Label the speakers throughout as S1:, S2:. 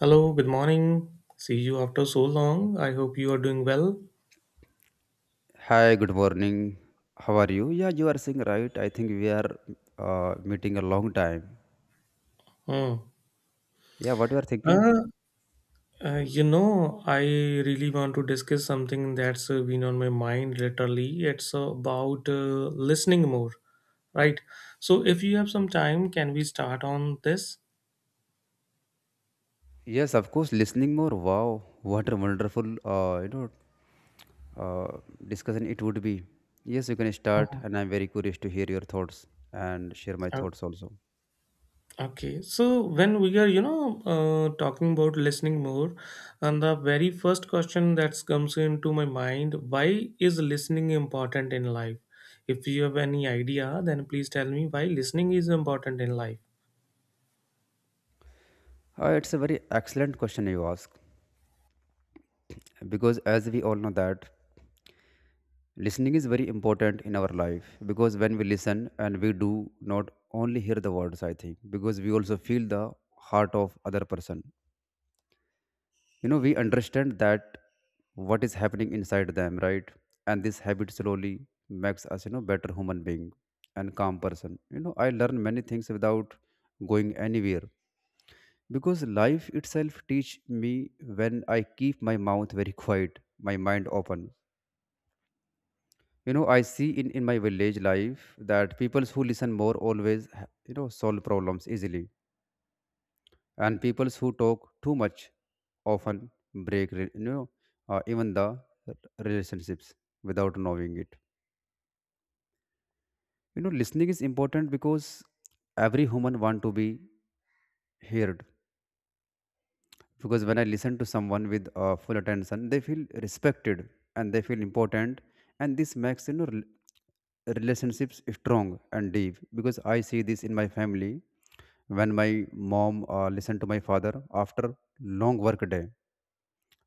S1: Hello, good morning. See you after so long. I hope you are doing well.
S2: Hi, good morning. How are you? Yeah, you are saying right. I think we are meeting a long time.
S1: Hmm.
S2: Yeah, what you are thinking?
S1: Uh, you know, I really want to discuss something that's been on my mind literally. It's about listening more, right? So, if you have some time, can we start on this?
S2: Yes, of course. Listening more. Wow, what a wonderful uh, discussion it would be. Yes, you can start,
S1: Mhm.
S2: and I'm very curious to hear your thoughts and share my thoughts also.
S1: Okay, so when we are, you know, talking about listening more, and the very first question that comes into my mind, why is listening important in life? If you have any idea, then please tell me why listening is important in life.
S2: It's a very excellent question you ask because as we all know that listening is very important in our life because when we listen and we do not only hear the words, I think, because we also feel the heart of other person. You know, we understand that what is happening inside them, right? And this habit slowly makes us, you know, better human being and calm person. You know, I learn many things without going anywhere because life itself teach me when I keep my mouth very quiet, my mind open. You know, I see in my village life that people who listen more always you know solve problems easily, and people who talk too much often break re- you know even the r- relationships without knowing it. You know, listening is important because every human want to be heard, because when I listen to someone with full attention, they feel respected and they feel important, and this makes you know relationships strong and deep. Because I see this in my family, when my mom listened to my father after long work day,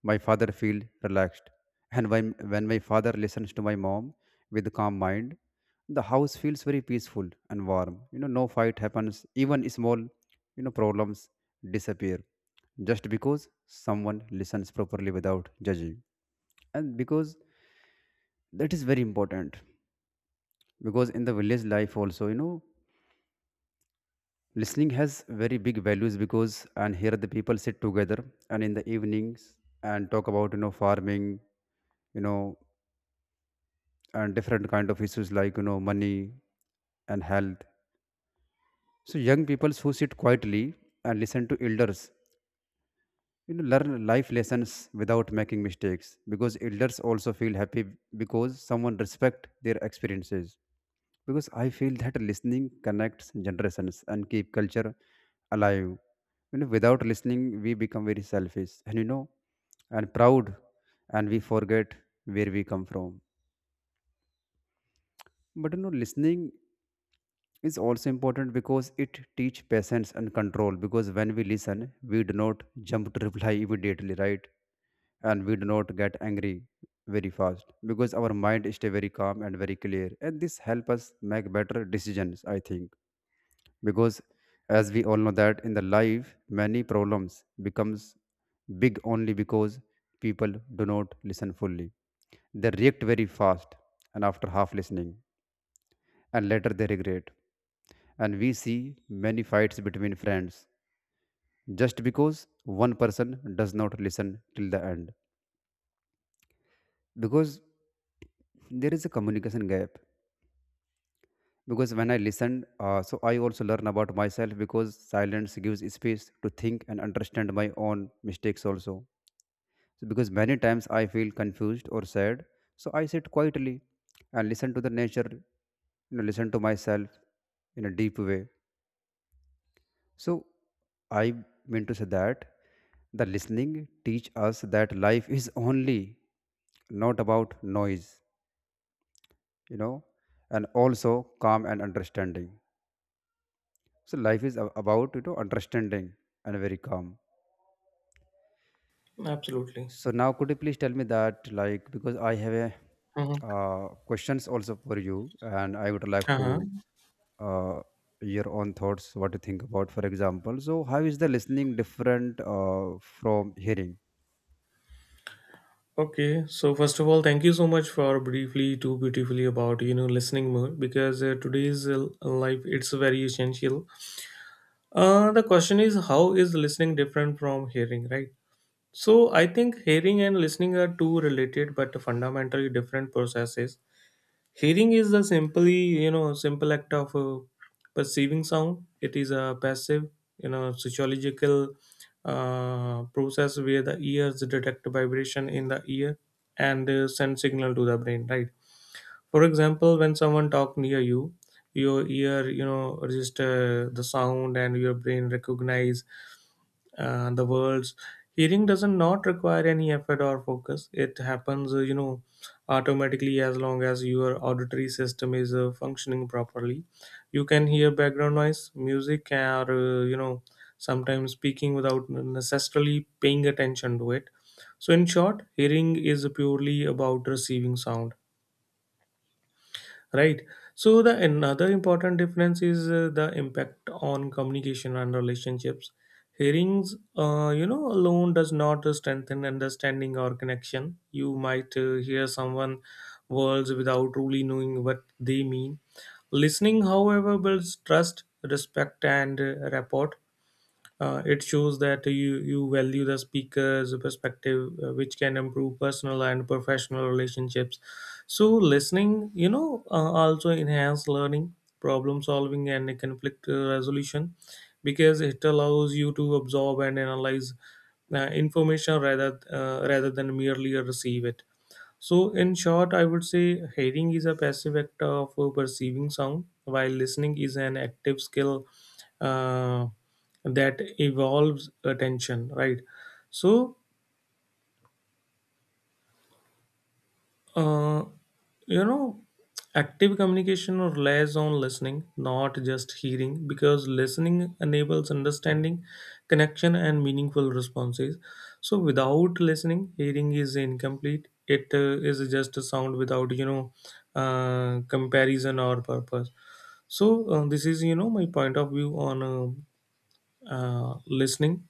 S2: my father feel relaxed. And when my father listens to my mom with calm mind, the house feels very peaceful and warm. You know, no fight happens, even small you know problems disappear just because someone listens properly without judging. And because that is very important, because in the village life also you know listening has very big values, because and here the people sit together and in the evenings and talk about you know farming, you know, and different kind of issues like you know money and health. So young people who sit quietly and listen to elders you know learn life lessons without making mistakes, because elders also feel happy because someone respect their experiences. Because I feel that listening connects generations and keep culture alive. You know, without listening we become very selfish and you know and proud, and we forget where we come from. But you know listening is also important because it teach patience and control, because when we listen we do not jump to reply immediately, right? And we do not get angry very fast, because our mind stay very calm and very clear, and this help us make better decisions, I think. Because as we all know that in the life many problems becomes big only because people do not listen fully. They react very fast and after half listening, and later they regret. And we see many fights between friends just because one person does not listen till the end. Because there is a communication gap. Because when I listen, so I also learn about myself because silence gives space to think and understand my own mistakes also. So because many times I feel confused or sad, so I sit quietly and listen to the nature, you know, listen to myself in a deep way. So I meant to say that the listening teach us that life is only not about noise, you know, and also calm and understanding. So life is about you know understanding and very calm.
S1: Absolutely.
S2: So now could you please tell me that, like, because I have a
S1: Uh huh.
S2: questions also for you, and I would like
S1: Uh-huh.
S2: to uh, your own thoughts what you think about, for example, so how is the listening different from hearing?
S1: Okay, so first of all, thank you so much for briefly to beautifully about you know listening more because today's life it's very essential. The question is how is listening different from hearing, right? So I think hearing and listening are two related but fundamentally different processes. Hearing is the simply, you know, simple act of perceiving sound. It is a passive, you know, sociological process where the ears detect vibration in the ear and send signal to the brain, right? For example, when someone talk near you, your ear, you know, register the sound and your brain recognize the world's hearing doesn't not require any effort or focus. It happens you know, automatically as long as your auditory system is functioning properly. You can hear background noise, music, or you know, sometimes speaking without necessarily paying attention to it. So in short, hearing is purely about receiving sound, right? So the another important difference is the impact on communication and relationships. Hearings you know, alone does not strengthen understanding or connection. You might hear someone words without really knowing what they mean. Listening, however, builds trust, respect, and rapport. Uh, it shows that you value the speaker's perspective, which can improve personal and professional relationships. So, listening, you know, also enhance learning, problem solving, and conflict resolution, because it allows you to absorb and analyze information rather than merely receive it. So, in short, I would say hearing is a passive act of perceiving sound, while listening is an active skill uh, that evolves attention, right? So, Uh, you know, active communication or relies on listening, not just hearing, because listening enables understanding, connection, and meaningful responses. So, without listening, hearing is incomplete. It is just a sound without, you know, comparison or purpose. So, this is, you know, my point of view on listening.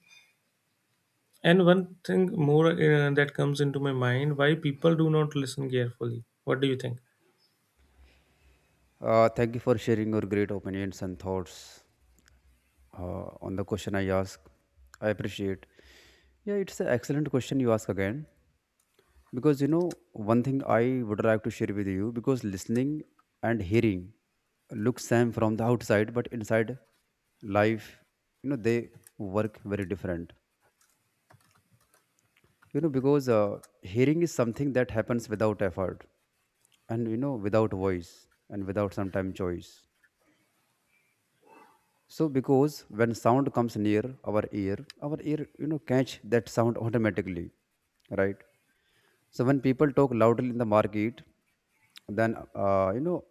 S1: And one thing more that comes into my mind, why people do not listen carefully. What do you think?
S2: Thank you for sharing your great opinions and thoughts on the question I asked. I appreciate. Yeah, it's an excellent question you ask again, because you know one thing I would like to share with you, because listening and hearing looks same from the outside, but inside life, you know, they work very different. You know, because hearing is something that happens without effort, and you know, without voice, and without sometime choice. So because when sound comes near our ear you know catch that sound automatically, right? So when people talk loudly in the market, then you know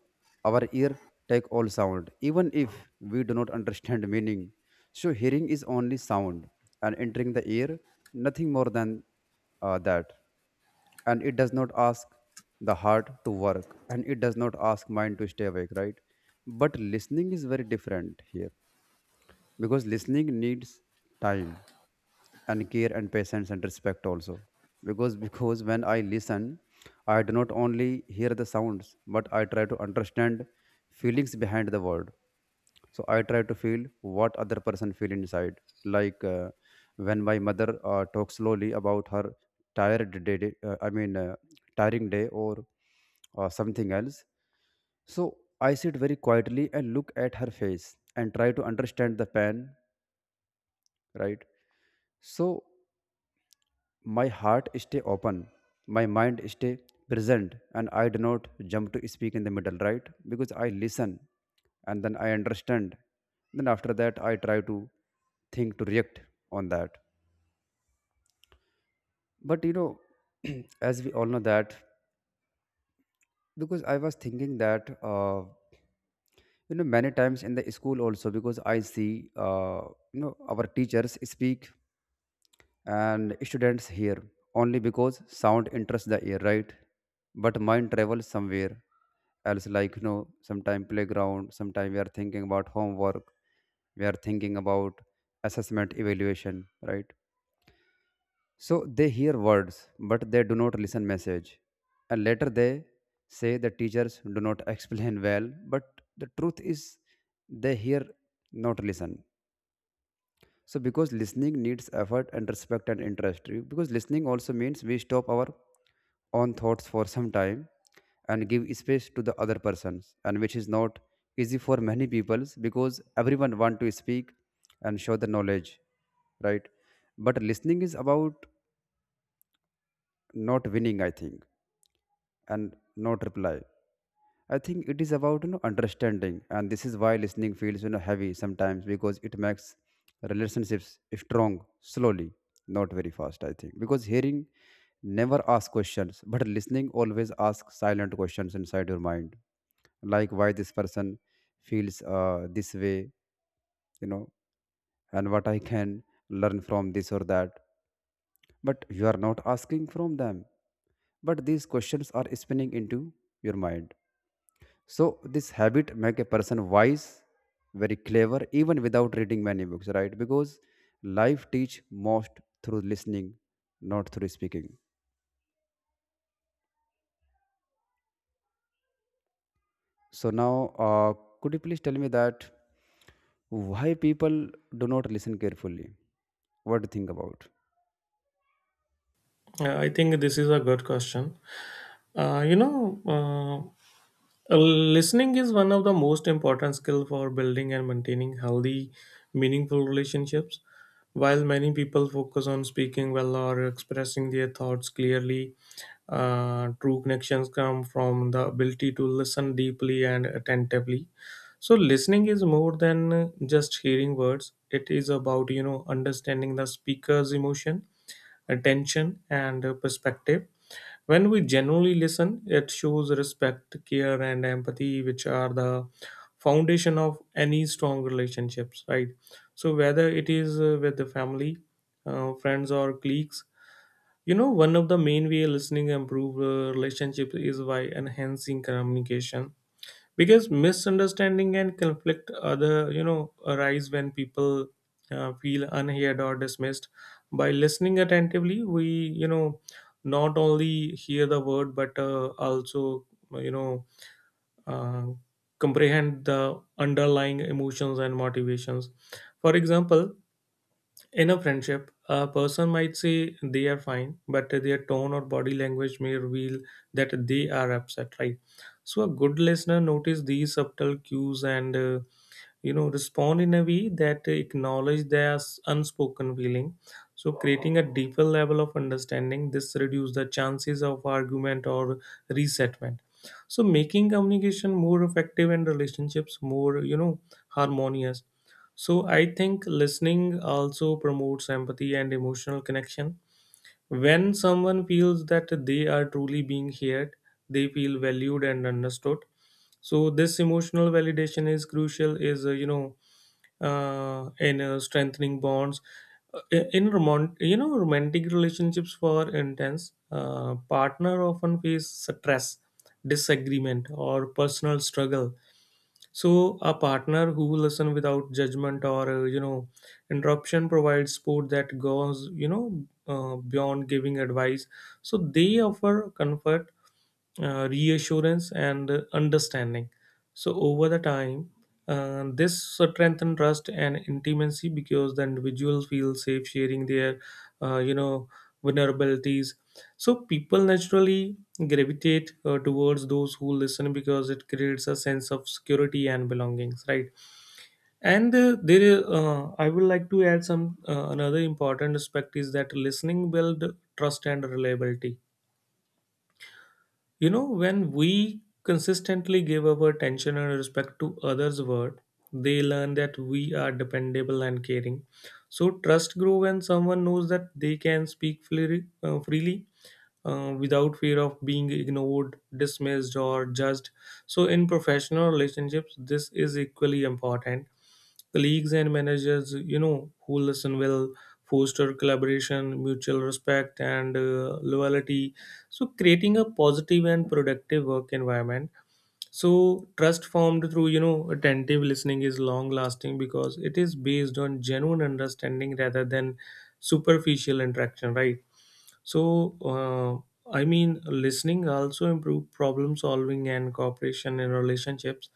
S2: our ear take all sound, even if we do not understand meaning. So hearing is only sound and entering the ear, nothing more than that. And it does not ask the heart to work, and it does not ask mind to stay awake, right? But listening is very different here, because listening needs time and care and patience and respect also, because because when I listen I do not only hear the sounds, but I try to understand feelings behind the word. So I try to feel what other person feel inside, like when my mother talks slowly about her tired day day- I mean tiring day or something else. So I sit very quietly and look at her face and try to understand the pain, right? So my heart stay open, my mind stay present, and I do not jump to speak in the middle, right? Because I listen and then I understand, then after that I try to think to react on that. But you know as we all know that, because I was thinking that you know many times in the school also, because I see you know our teachers speak and students hear only because sound interests the ear, right? But mind travels somewhere else, like you know sometime playground, sometime we are thinking about homework, we are thinking about assessment evaluation, right? So they hear words but they do not listen message, and later they say the teachers do not explain well, but the truth is they hear, not listen. So because listening needs effort and respect and interest, because listening also means we stop our own thoughts for some time and give space to the other persons, and which is not easy for many peoples because everyone want to speak and show the knowledge, right? But listening is about not winning, I think, and not reply. I think it is about you know understanding, and this is why listening feels you know heavy sometimes, because it makes relationships strong slowly, not very fast. I think because hearing never asks questions, but listening always asks silent questions inside your mind, like why this person feels this way, you know, and what I can learn from this or that. But you are not asking from them, but these questions are spinning into your mind. So this habit make a person wise, very clever, even without reading many books, right? Because life teach most through listening, not through speaking. So now, could you please tell me that why people do not listen carefully? What do you think about?
S1: Yeah, I think this is a good question. Uh, you know, listening is one of the most important skill for building and maintaining healthy, meaningful relationships. While many people focus on speaking well or expressing their thoughts clearly, true connections come from the ability to listen deeply and attentively. So, listening is more than just hearing words. It is about you know understanding the speaker's emotion, attention, and perspective. When we genuinely listen, it shows respect, care, and empathy, which are the foundation of any strong relationships, right? So, whether it is with the family, friends, or colleagues, you know, one of the main way listening improve relationship is by enhancing communication, because misunderstanding and conflict other you know arise when people feel unheard or dismissed. By listening attentively, we you know not only hear the word, but also you know uh, comprehend the underlying emotions and motivations. For example, in a friendship, a person might say they are fine, but their tone or body language may reveal that they are upset, right? So, a good listener notice these subtle cues and you know, respond in a way that acknowledge their unspoken feeling, so creating a deeper level of understanding. This reduces the chances of argument or resentment, so making communication more effective and relationships more you know harmonious. So I think listening also promotes empathy and emotional connection. When someone feels that they are truly being heard, they feel valued and understood. So this emotional validation is crucial, is you know, in strengthening bonds. In you know, romantic relationships, for intense, partner often face stress, disagreement, or personal struggle. So a partner who listen without judgment or you know, interruption provides support that goes you know beyond giving advice. So they offer comfort, reassurance, and understanding. So over the time, this strengthen trust and intimacy because the individual feels safe sharing their, you know, vulnerabilities. So people naturally gravitate towards those who listen because it creates a sense of security and belongings, right? And I would like to add some another important aspect is that listening build trust and reliability. You know, when we consistently give our attention and respect to others word, they learn that we are dependable and caring. So trust grow when someone knows that they can speak freely without fear of being ignored, dismissed, or judged. So in professional relationships, this is equally important. Colleagues and managers you know who listen will foster collaboration, mutual respect, and loyalty, so creating a positive and productive work environment. So trust formed through you know attentive listening is long lasting because it is based on genuine understanding rather than superficial interaction, right? So, I mean, listening also improve problem solving and cooperation in relationships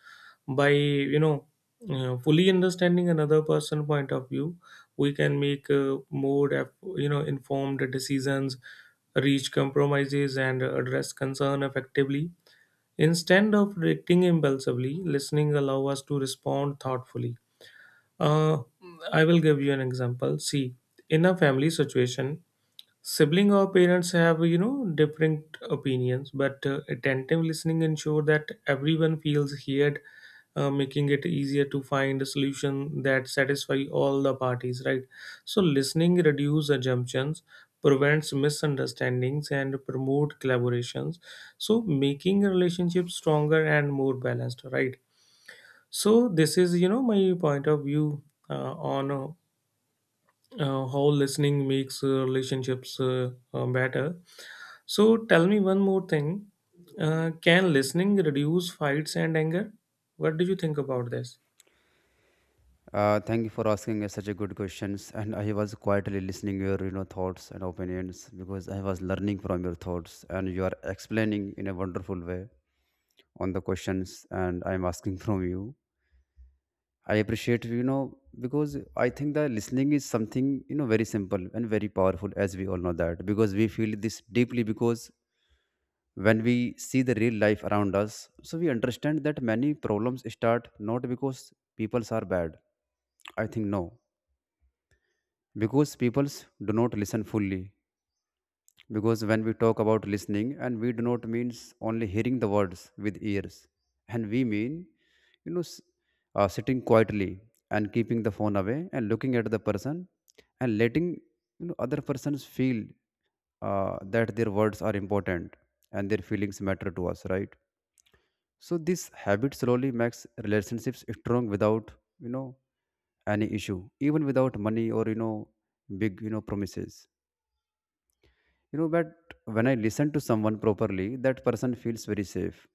S1: by you know fully understanding another person point of view. We can make more you know informed decisions, reach compromises, and address concern effectively. Instead of reacting impulsively, listening allow us to respond thoughtfully. Uh, I will give you an example. See, in a family situation, sibling or parents have, you know, different opinions, but attentive listening ensure that everyone feels heard, making it easier to find a solution that satisfy all the parties, right? So listening reduce assumptions, prevents misunderstandings, and promote collaborations, so making relationships stronger and more balanced, right? So this is, you know, my point of view on how listening makes relationships better. So tell me one more thing. Can listening reduce fights and anger? What do you think about this?
S2: Thank you for asking us such a good questions. And I was quietly listening your you know thoughts and opinions, because I was learning from your thoughts and you are explaining in a wonderful way on the questions and I'm asking from you. I appreciate, you know, because I think that listening is something you know very simple and very powerful, as we all know that, because we feel this deeply, because when we see the real life around us, so we understand that many problems start not because people are bad, I think, no, because peoples do not listen fully. Because when we talk about listening and we do not means only hearing the words with ears, and we mean you know sitting quietly and keeping the phone away and looking at the person and letting you know other persons feel that their words are important and their feelings matter to us, right? So this habit slowly makes relationships strong without you know any issue, even without money or you know big you know promises. You know, but when I listen to someone properly, that person feels very safe.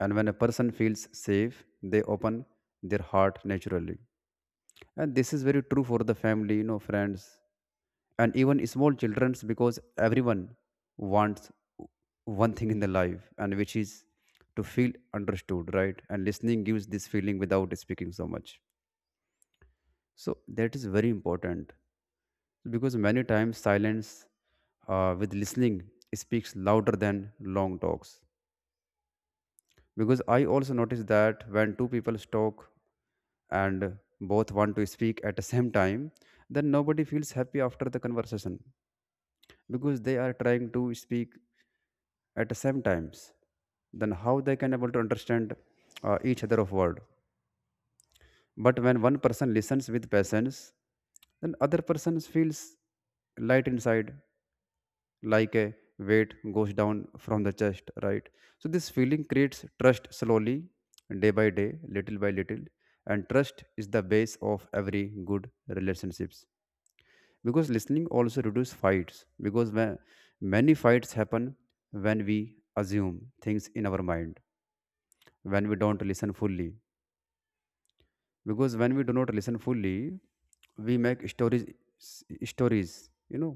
S2: And when a person feels safe, they open their heart naturally. And this is very true for the family, you know, friends, and even small children's because everyone wants one thing in the life, and which is to feel understood, right? And listening gives this feeling without speaking so much, so that is very important because many times silence with listening speaks louder than long talks. Because I also notice that when two people talk and both want to speak at the same time, then nobody feels happy after the conversation because they are trying to speak at the same times. Then how they can able to understand each other of word? But when one person listens with patience, then other person feels light inside, like a weight goes down from the chest, right? So this feeling creates trust slowly, day by day, little by little. And trust is the base of every good relationships. Because listening also reduces fights, because when many fights happen, when we assume things in our mind, when we don't listen fully. Because when we do not listen fully, we make stories, stories, you know,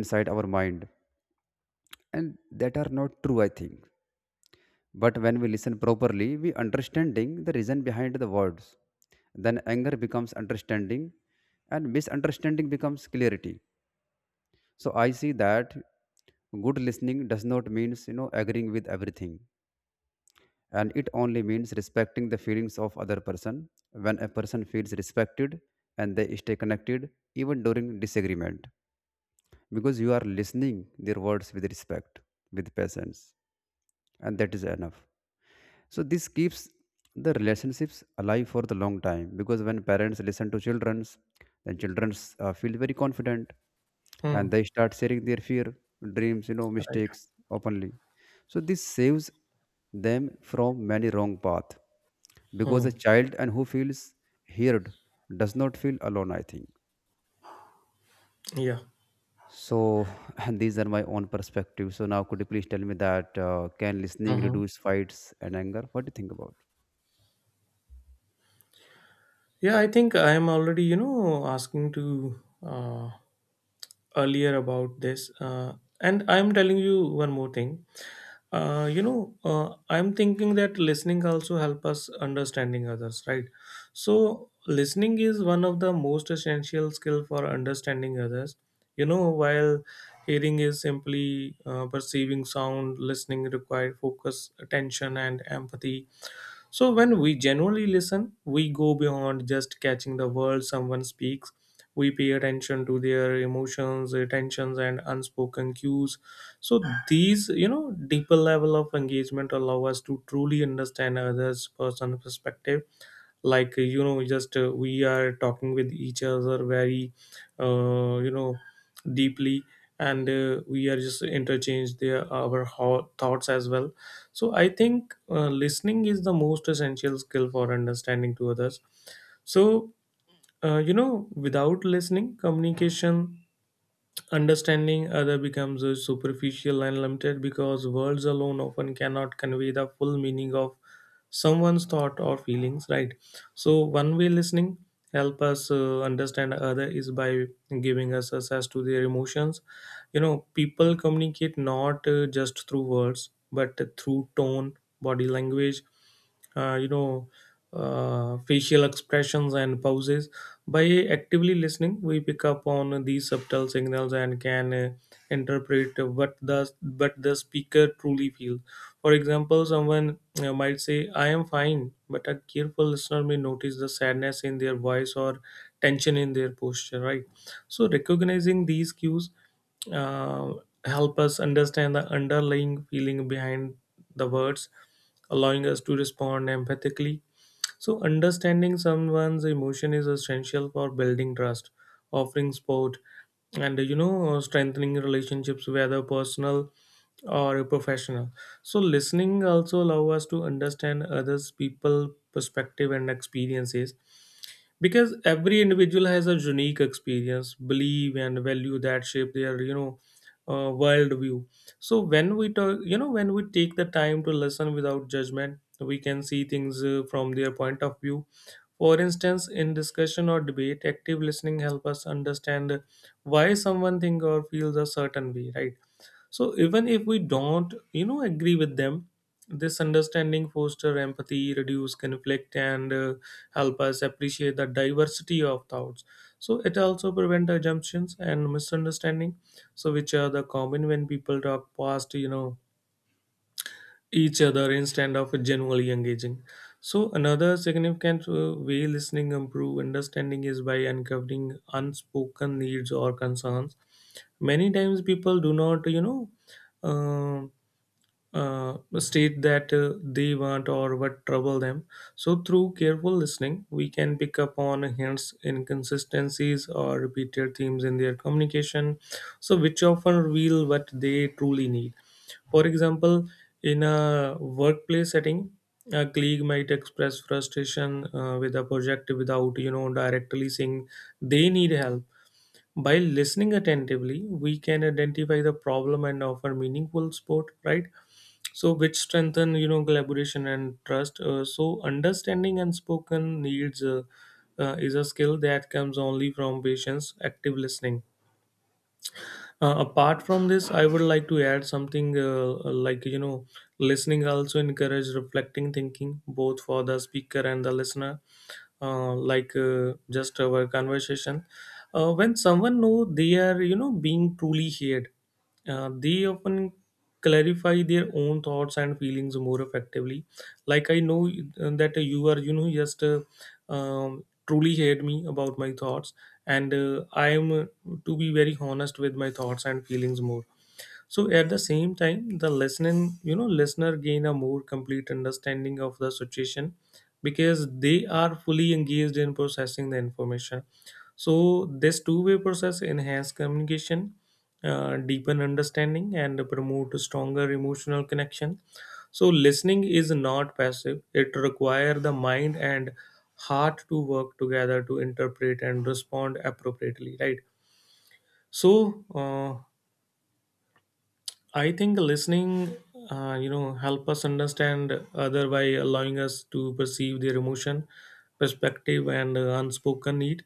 S2: inside our mind, and that are not true, I think. But when we listen properly, we understanding the reason behind the words. Then anger becomes understanding and misunderstanding becomes clarity. So I see that good listening does not means, you know, agreeing with everything, and it only means respecting the feelings of other person. When a person feels respected, and they stay connected even during disagreement, because you are listening their words with respect, with patience, and that is enough. So this keeps the relationships alive for the long time. Because when parents listen to childrens, then childrens feel very confident,
S1: Hmm.
S2: and they start sharing their fear, dreams, you know,
S1: Right.
S2: mistakes openly. So this saves them from many wrong path, because a
S1: Hmm.
S2: child and who feels heard does not feel alone, I think
S1: Yeah.
S2: so. And these are my own perspectives. So now, could you please tell me that can listening
S1: hmm
S2: reduce fights and anger? What do you think about?
S1: Yeah, I think I am already, you know, asking to uh, earlier about this. And I'm telling you one more thing. I'm thinking that listening also help us understanding others, right? So listening is one of the most essential skill for understanding others, you know. While hearing is simply perceiving sound, listening require focus, attention, and empathy. So when we generally listen, we go beyond just catching the words someone speaks. We pay attention to their emotions, attentions, and unspoken cues. So these, you know, deeper level of engagement allow us to truly understand others' person perspective, like you know, just we are talking with each other very you know, deeply, and we are just interchange their our thoughts as well. So I think listening is the most essential skill for understanding to others. So you know, without listening, communication, understanding other becomes superficial and limited, because words alone often cannot convey the full meaning of someone's thought or feelings, right? So, one way listening help us understand other is by giving us access to their emotions. You know, people communicate not just through words, but through tone, body language, uh, you know, facial expressions, and pauses. By actively listening, we pick up on these subtle signals and can interpret what the speaker truly feels. For example, someone might say, "I am fine," but a careful listener may notice the sadness in their voice or tension in their posture. Right. So recognizing these cues uh, help us understand the underlying feeling behind the words, allowing us to respond empathically. So, understanding someone's emotion is essential for building trust, offering support, and you know, strengthening relationships, whether personal or professional. So, listening also allows us to understand others' people perspective and experiences, because every individual has a unique experience, belief, and value that shape their you know worldview. So when we talk, you know, when we take the time to listen without judgment, we can see things from their point of view. For instance, in discussion or debate, active listening help us understand why someone think or feels a certain way, right? So even if we don't, you know, agree with them, this understanding foster empathy, reduce conflict, and help us appreciate the diversity of thoughts. So it also prevent assumptions and misunderstanding, so which are the common when people talk past, each other instead of genuinely engaging. So another significant way listening improve understanding is by uncovering unspoken needs or concerns. Many times people do not, um state that they want or what trouble them. So, through careful listening, we can pick up on hints, inconsistencies, or repeated themes in their communication, so which often reveal what they truly need. For example, in a workplace setting, a colleague might express frustration with a project without directly saying they need help. By listening attentively, we can identify the problem and offer meaningful support, right? So which strengthen, collaboration and trust. So understanding unspoken needs is a skill that comes only from patience active listening. Apart from this, I would like to add something like listening also encourage reflecting thinking both for the speaker and the listener. Just our conversation, when someone know they are, being truly heard, they often clarify their own thoughts and feelings more effectively. Like I know that you are, you know, just truly heard me about my thoughts, and I am to be very honest with my thoughts and feelings more. So at the same time the listening you know listener gain a more complete understanding of the situation because they are fully engaged in processing the information. So this two-way process enhance communication, deepen understanding, and promote a stronger emotional connection. So listening is not passive, it requires the mind and heart to work together to interpret and respond appropriately, right? So I think listening, help us understand other by allowing us to perceive their emotion, perspective, and unspoken need.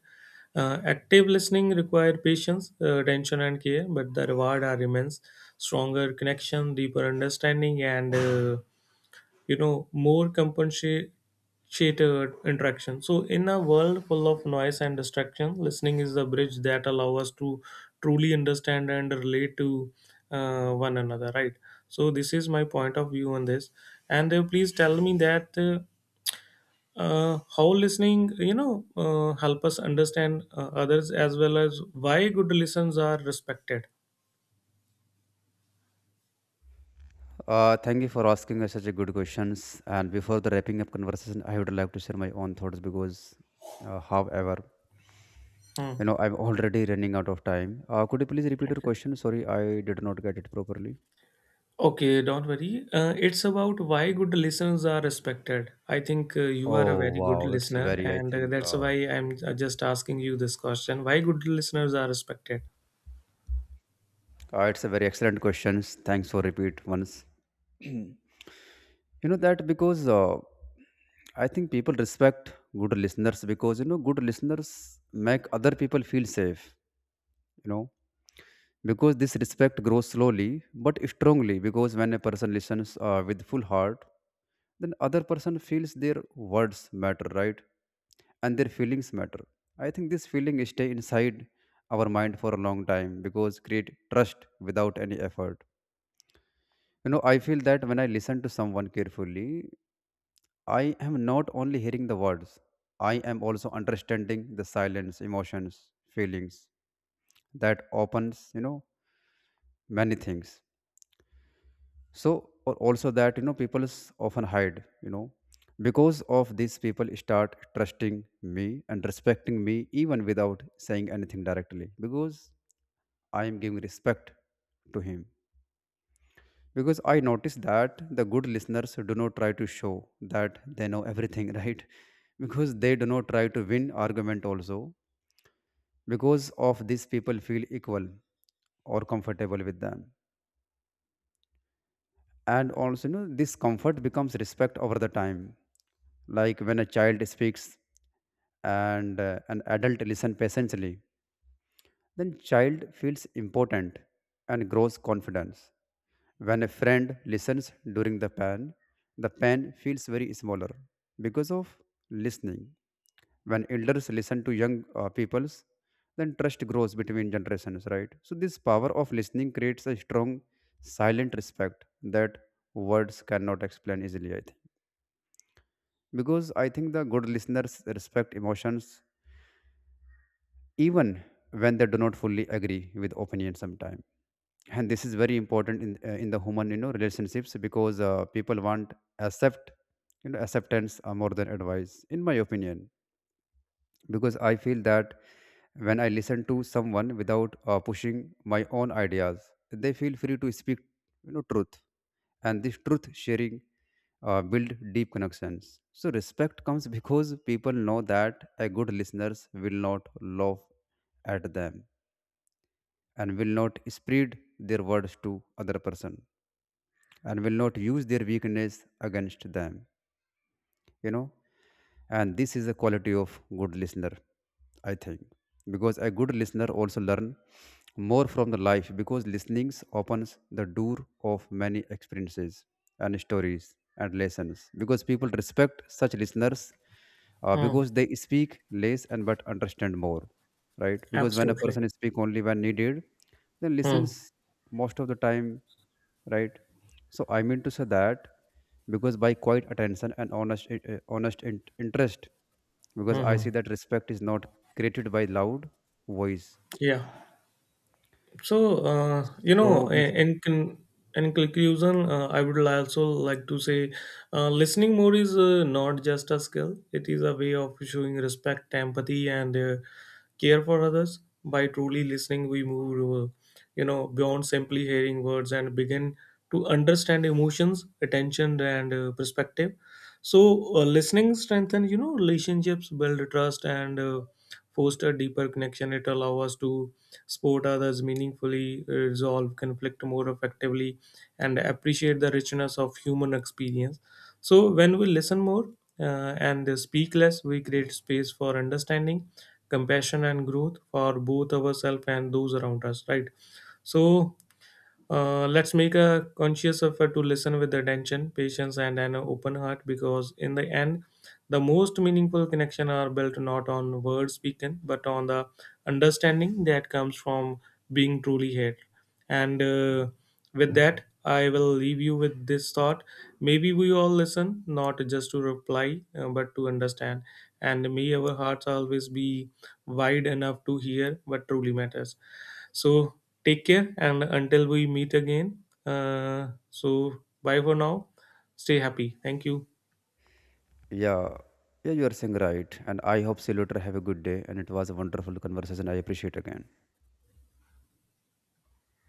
S1: Active listening require patience, attention, and care, but the reward are immense: stronger connection, deeper understanding, and more compensated interaction. So in a world full of noise and distraction, listening is the bridge that allow us to truly understand and relate to one another, right? So this is my point of view on this. And please tell me that how listening, help us understand others as well as why good listens are respected.
S2: Thank you for asking us such a good questions. And before the wrapping up conversation, I would like to share my own thoughts because, however,
S1: Hmm.
S2: you know, I'm already running out of time. Could you please repeat your
S1: Okay.
S2: question? Sorry, I did not get it properly.
S1: Okay, don't worry. It's about why good listeners are respected. I think you are a
S2: Oh
S1: very good
S2: wow, it's a
S1: listener,
S2: very, I
S1: and
S2: think,
S1: that's why I'm just asking you this question: Why good listeners are respected?
S2: it's a very excellent questions. Thanks for repeat once. You know that because I think people respect good listeners because, you know, good listeners make other people feel safe. You know, because this respect grows slowly but strongly. Because when a person listens with full heart, then other person feels their words matter, right? And their feelings matter. I think this feeling stay inside our mind for a long time because create trust without any effort. You know, I feel that when I listen to someone carefully, I am not only hearing the words, I am also understanding the silence emotions, feelings. That opens, you know, many things. So or also that, you know, people often hide, you know. Because of these, people start trusting me and respecting me even without saying anything directly, because I am giving respect to him. Because I notice that the good listeners do not try to show that they know everything, right? Because they do not try to win argument also. Because of these, people feel equal or comfortable with them. And also, you know, this comfort becomes respect over the time. Like when a child speaks and an adult listen patiently, then child feels important and grows confidence. When a friend listens during the pain, the pain feels very smaller because of listening. When elders listen to young peoples, then trust grows between generations, right? So this power of listening creates a strong silent respect that words cannot explain easily, I think. Because I think the good listeners respect emotions even when they do not fully agree with opinion sometimes. And this is very important in in the human, you know, relationships, because people want accept, you know, acceptance, more than advice, in my opinion. Because I feel that when I listen to someone without pushing my own ideas, they feel free to speak, you know, truth, and this truth sharing build deep connections. So respect comes because people know that a good listeners will not laugh at them, and will not spread their words to other person, and will not use their weakness against them. You know, and this is a quality of good listener, I think. Because a good listener also learn more from the life, because listening opens the door of many experiences and stories and lessons. Because people respect such listeners
S1: Hmm.
S2: because they speak less and but understand more, right? Because when a
S1: Absolutely.
S2: person speak only when needed, then
S1: Hmm.
S2: listens most of the time, right? So I mean to say that, because by quiet attention and honest honest interest. Because
S1: Hmm.
S2: I
S1: Hmm.
S2: see that respect is not created by loud voice.
S1: Yeah. So,
S2: so bef-
S1: in conclusion, I would also like to say listening more is not just a skill, it is a way of showing respect, empathy, and care for others. By truly listening, we move, beyond simply hearing words and begin to understand emotions, attention, and perspective. So, listening strengthens, relationships, build trust, and foster deeper connection. It allows us to support others meaningfully, resolve conflict more effectively, and appreciate the richness of human experience. So, when we listen more and speak less, we create space for understanding, compassion, and growth for both ourselves and those around us, right? So, let's make a conscious effort to listen with attention, patience, and an open heart because, in the end, the most meaningful connection are built not on words spoken but on the understanding that comes from being truly heard. And with that, I will leave you with this thought. Maybe we all listen not just to reply but to understand. And may our hearts always be wide enough to hear what truly matters. So take care, and until we meet again, so bye for now. Stay happy. Thank you.
S2: yeah, yeah, you are saying right, and I hope see you later, have a good day, and it was a wonderful conversation, I appreciate again.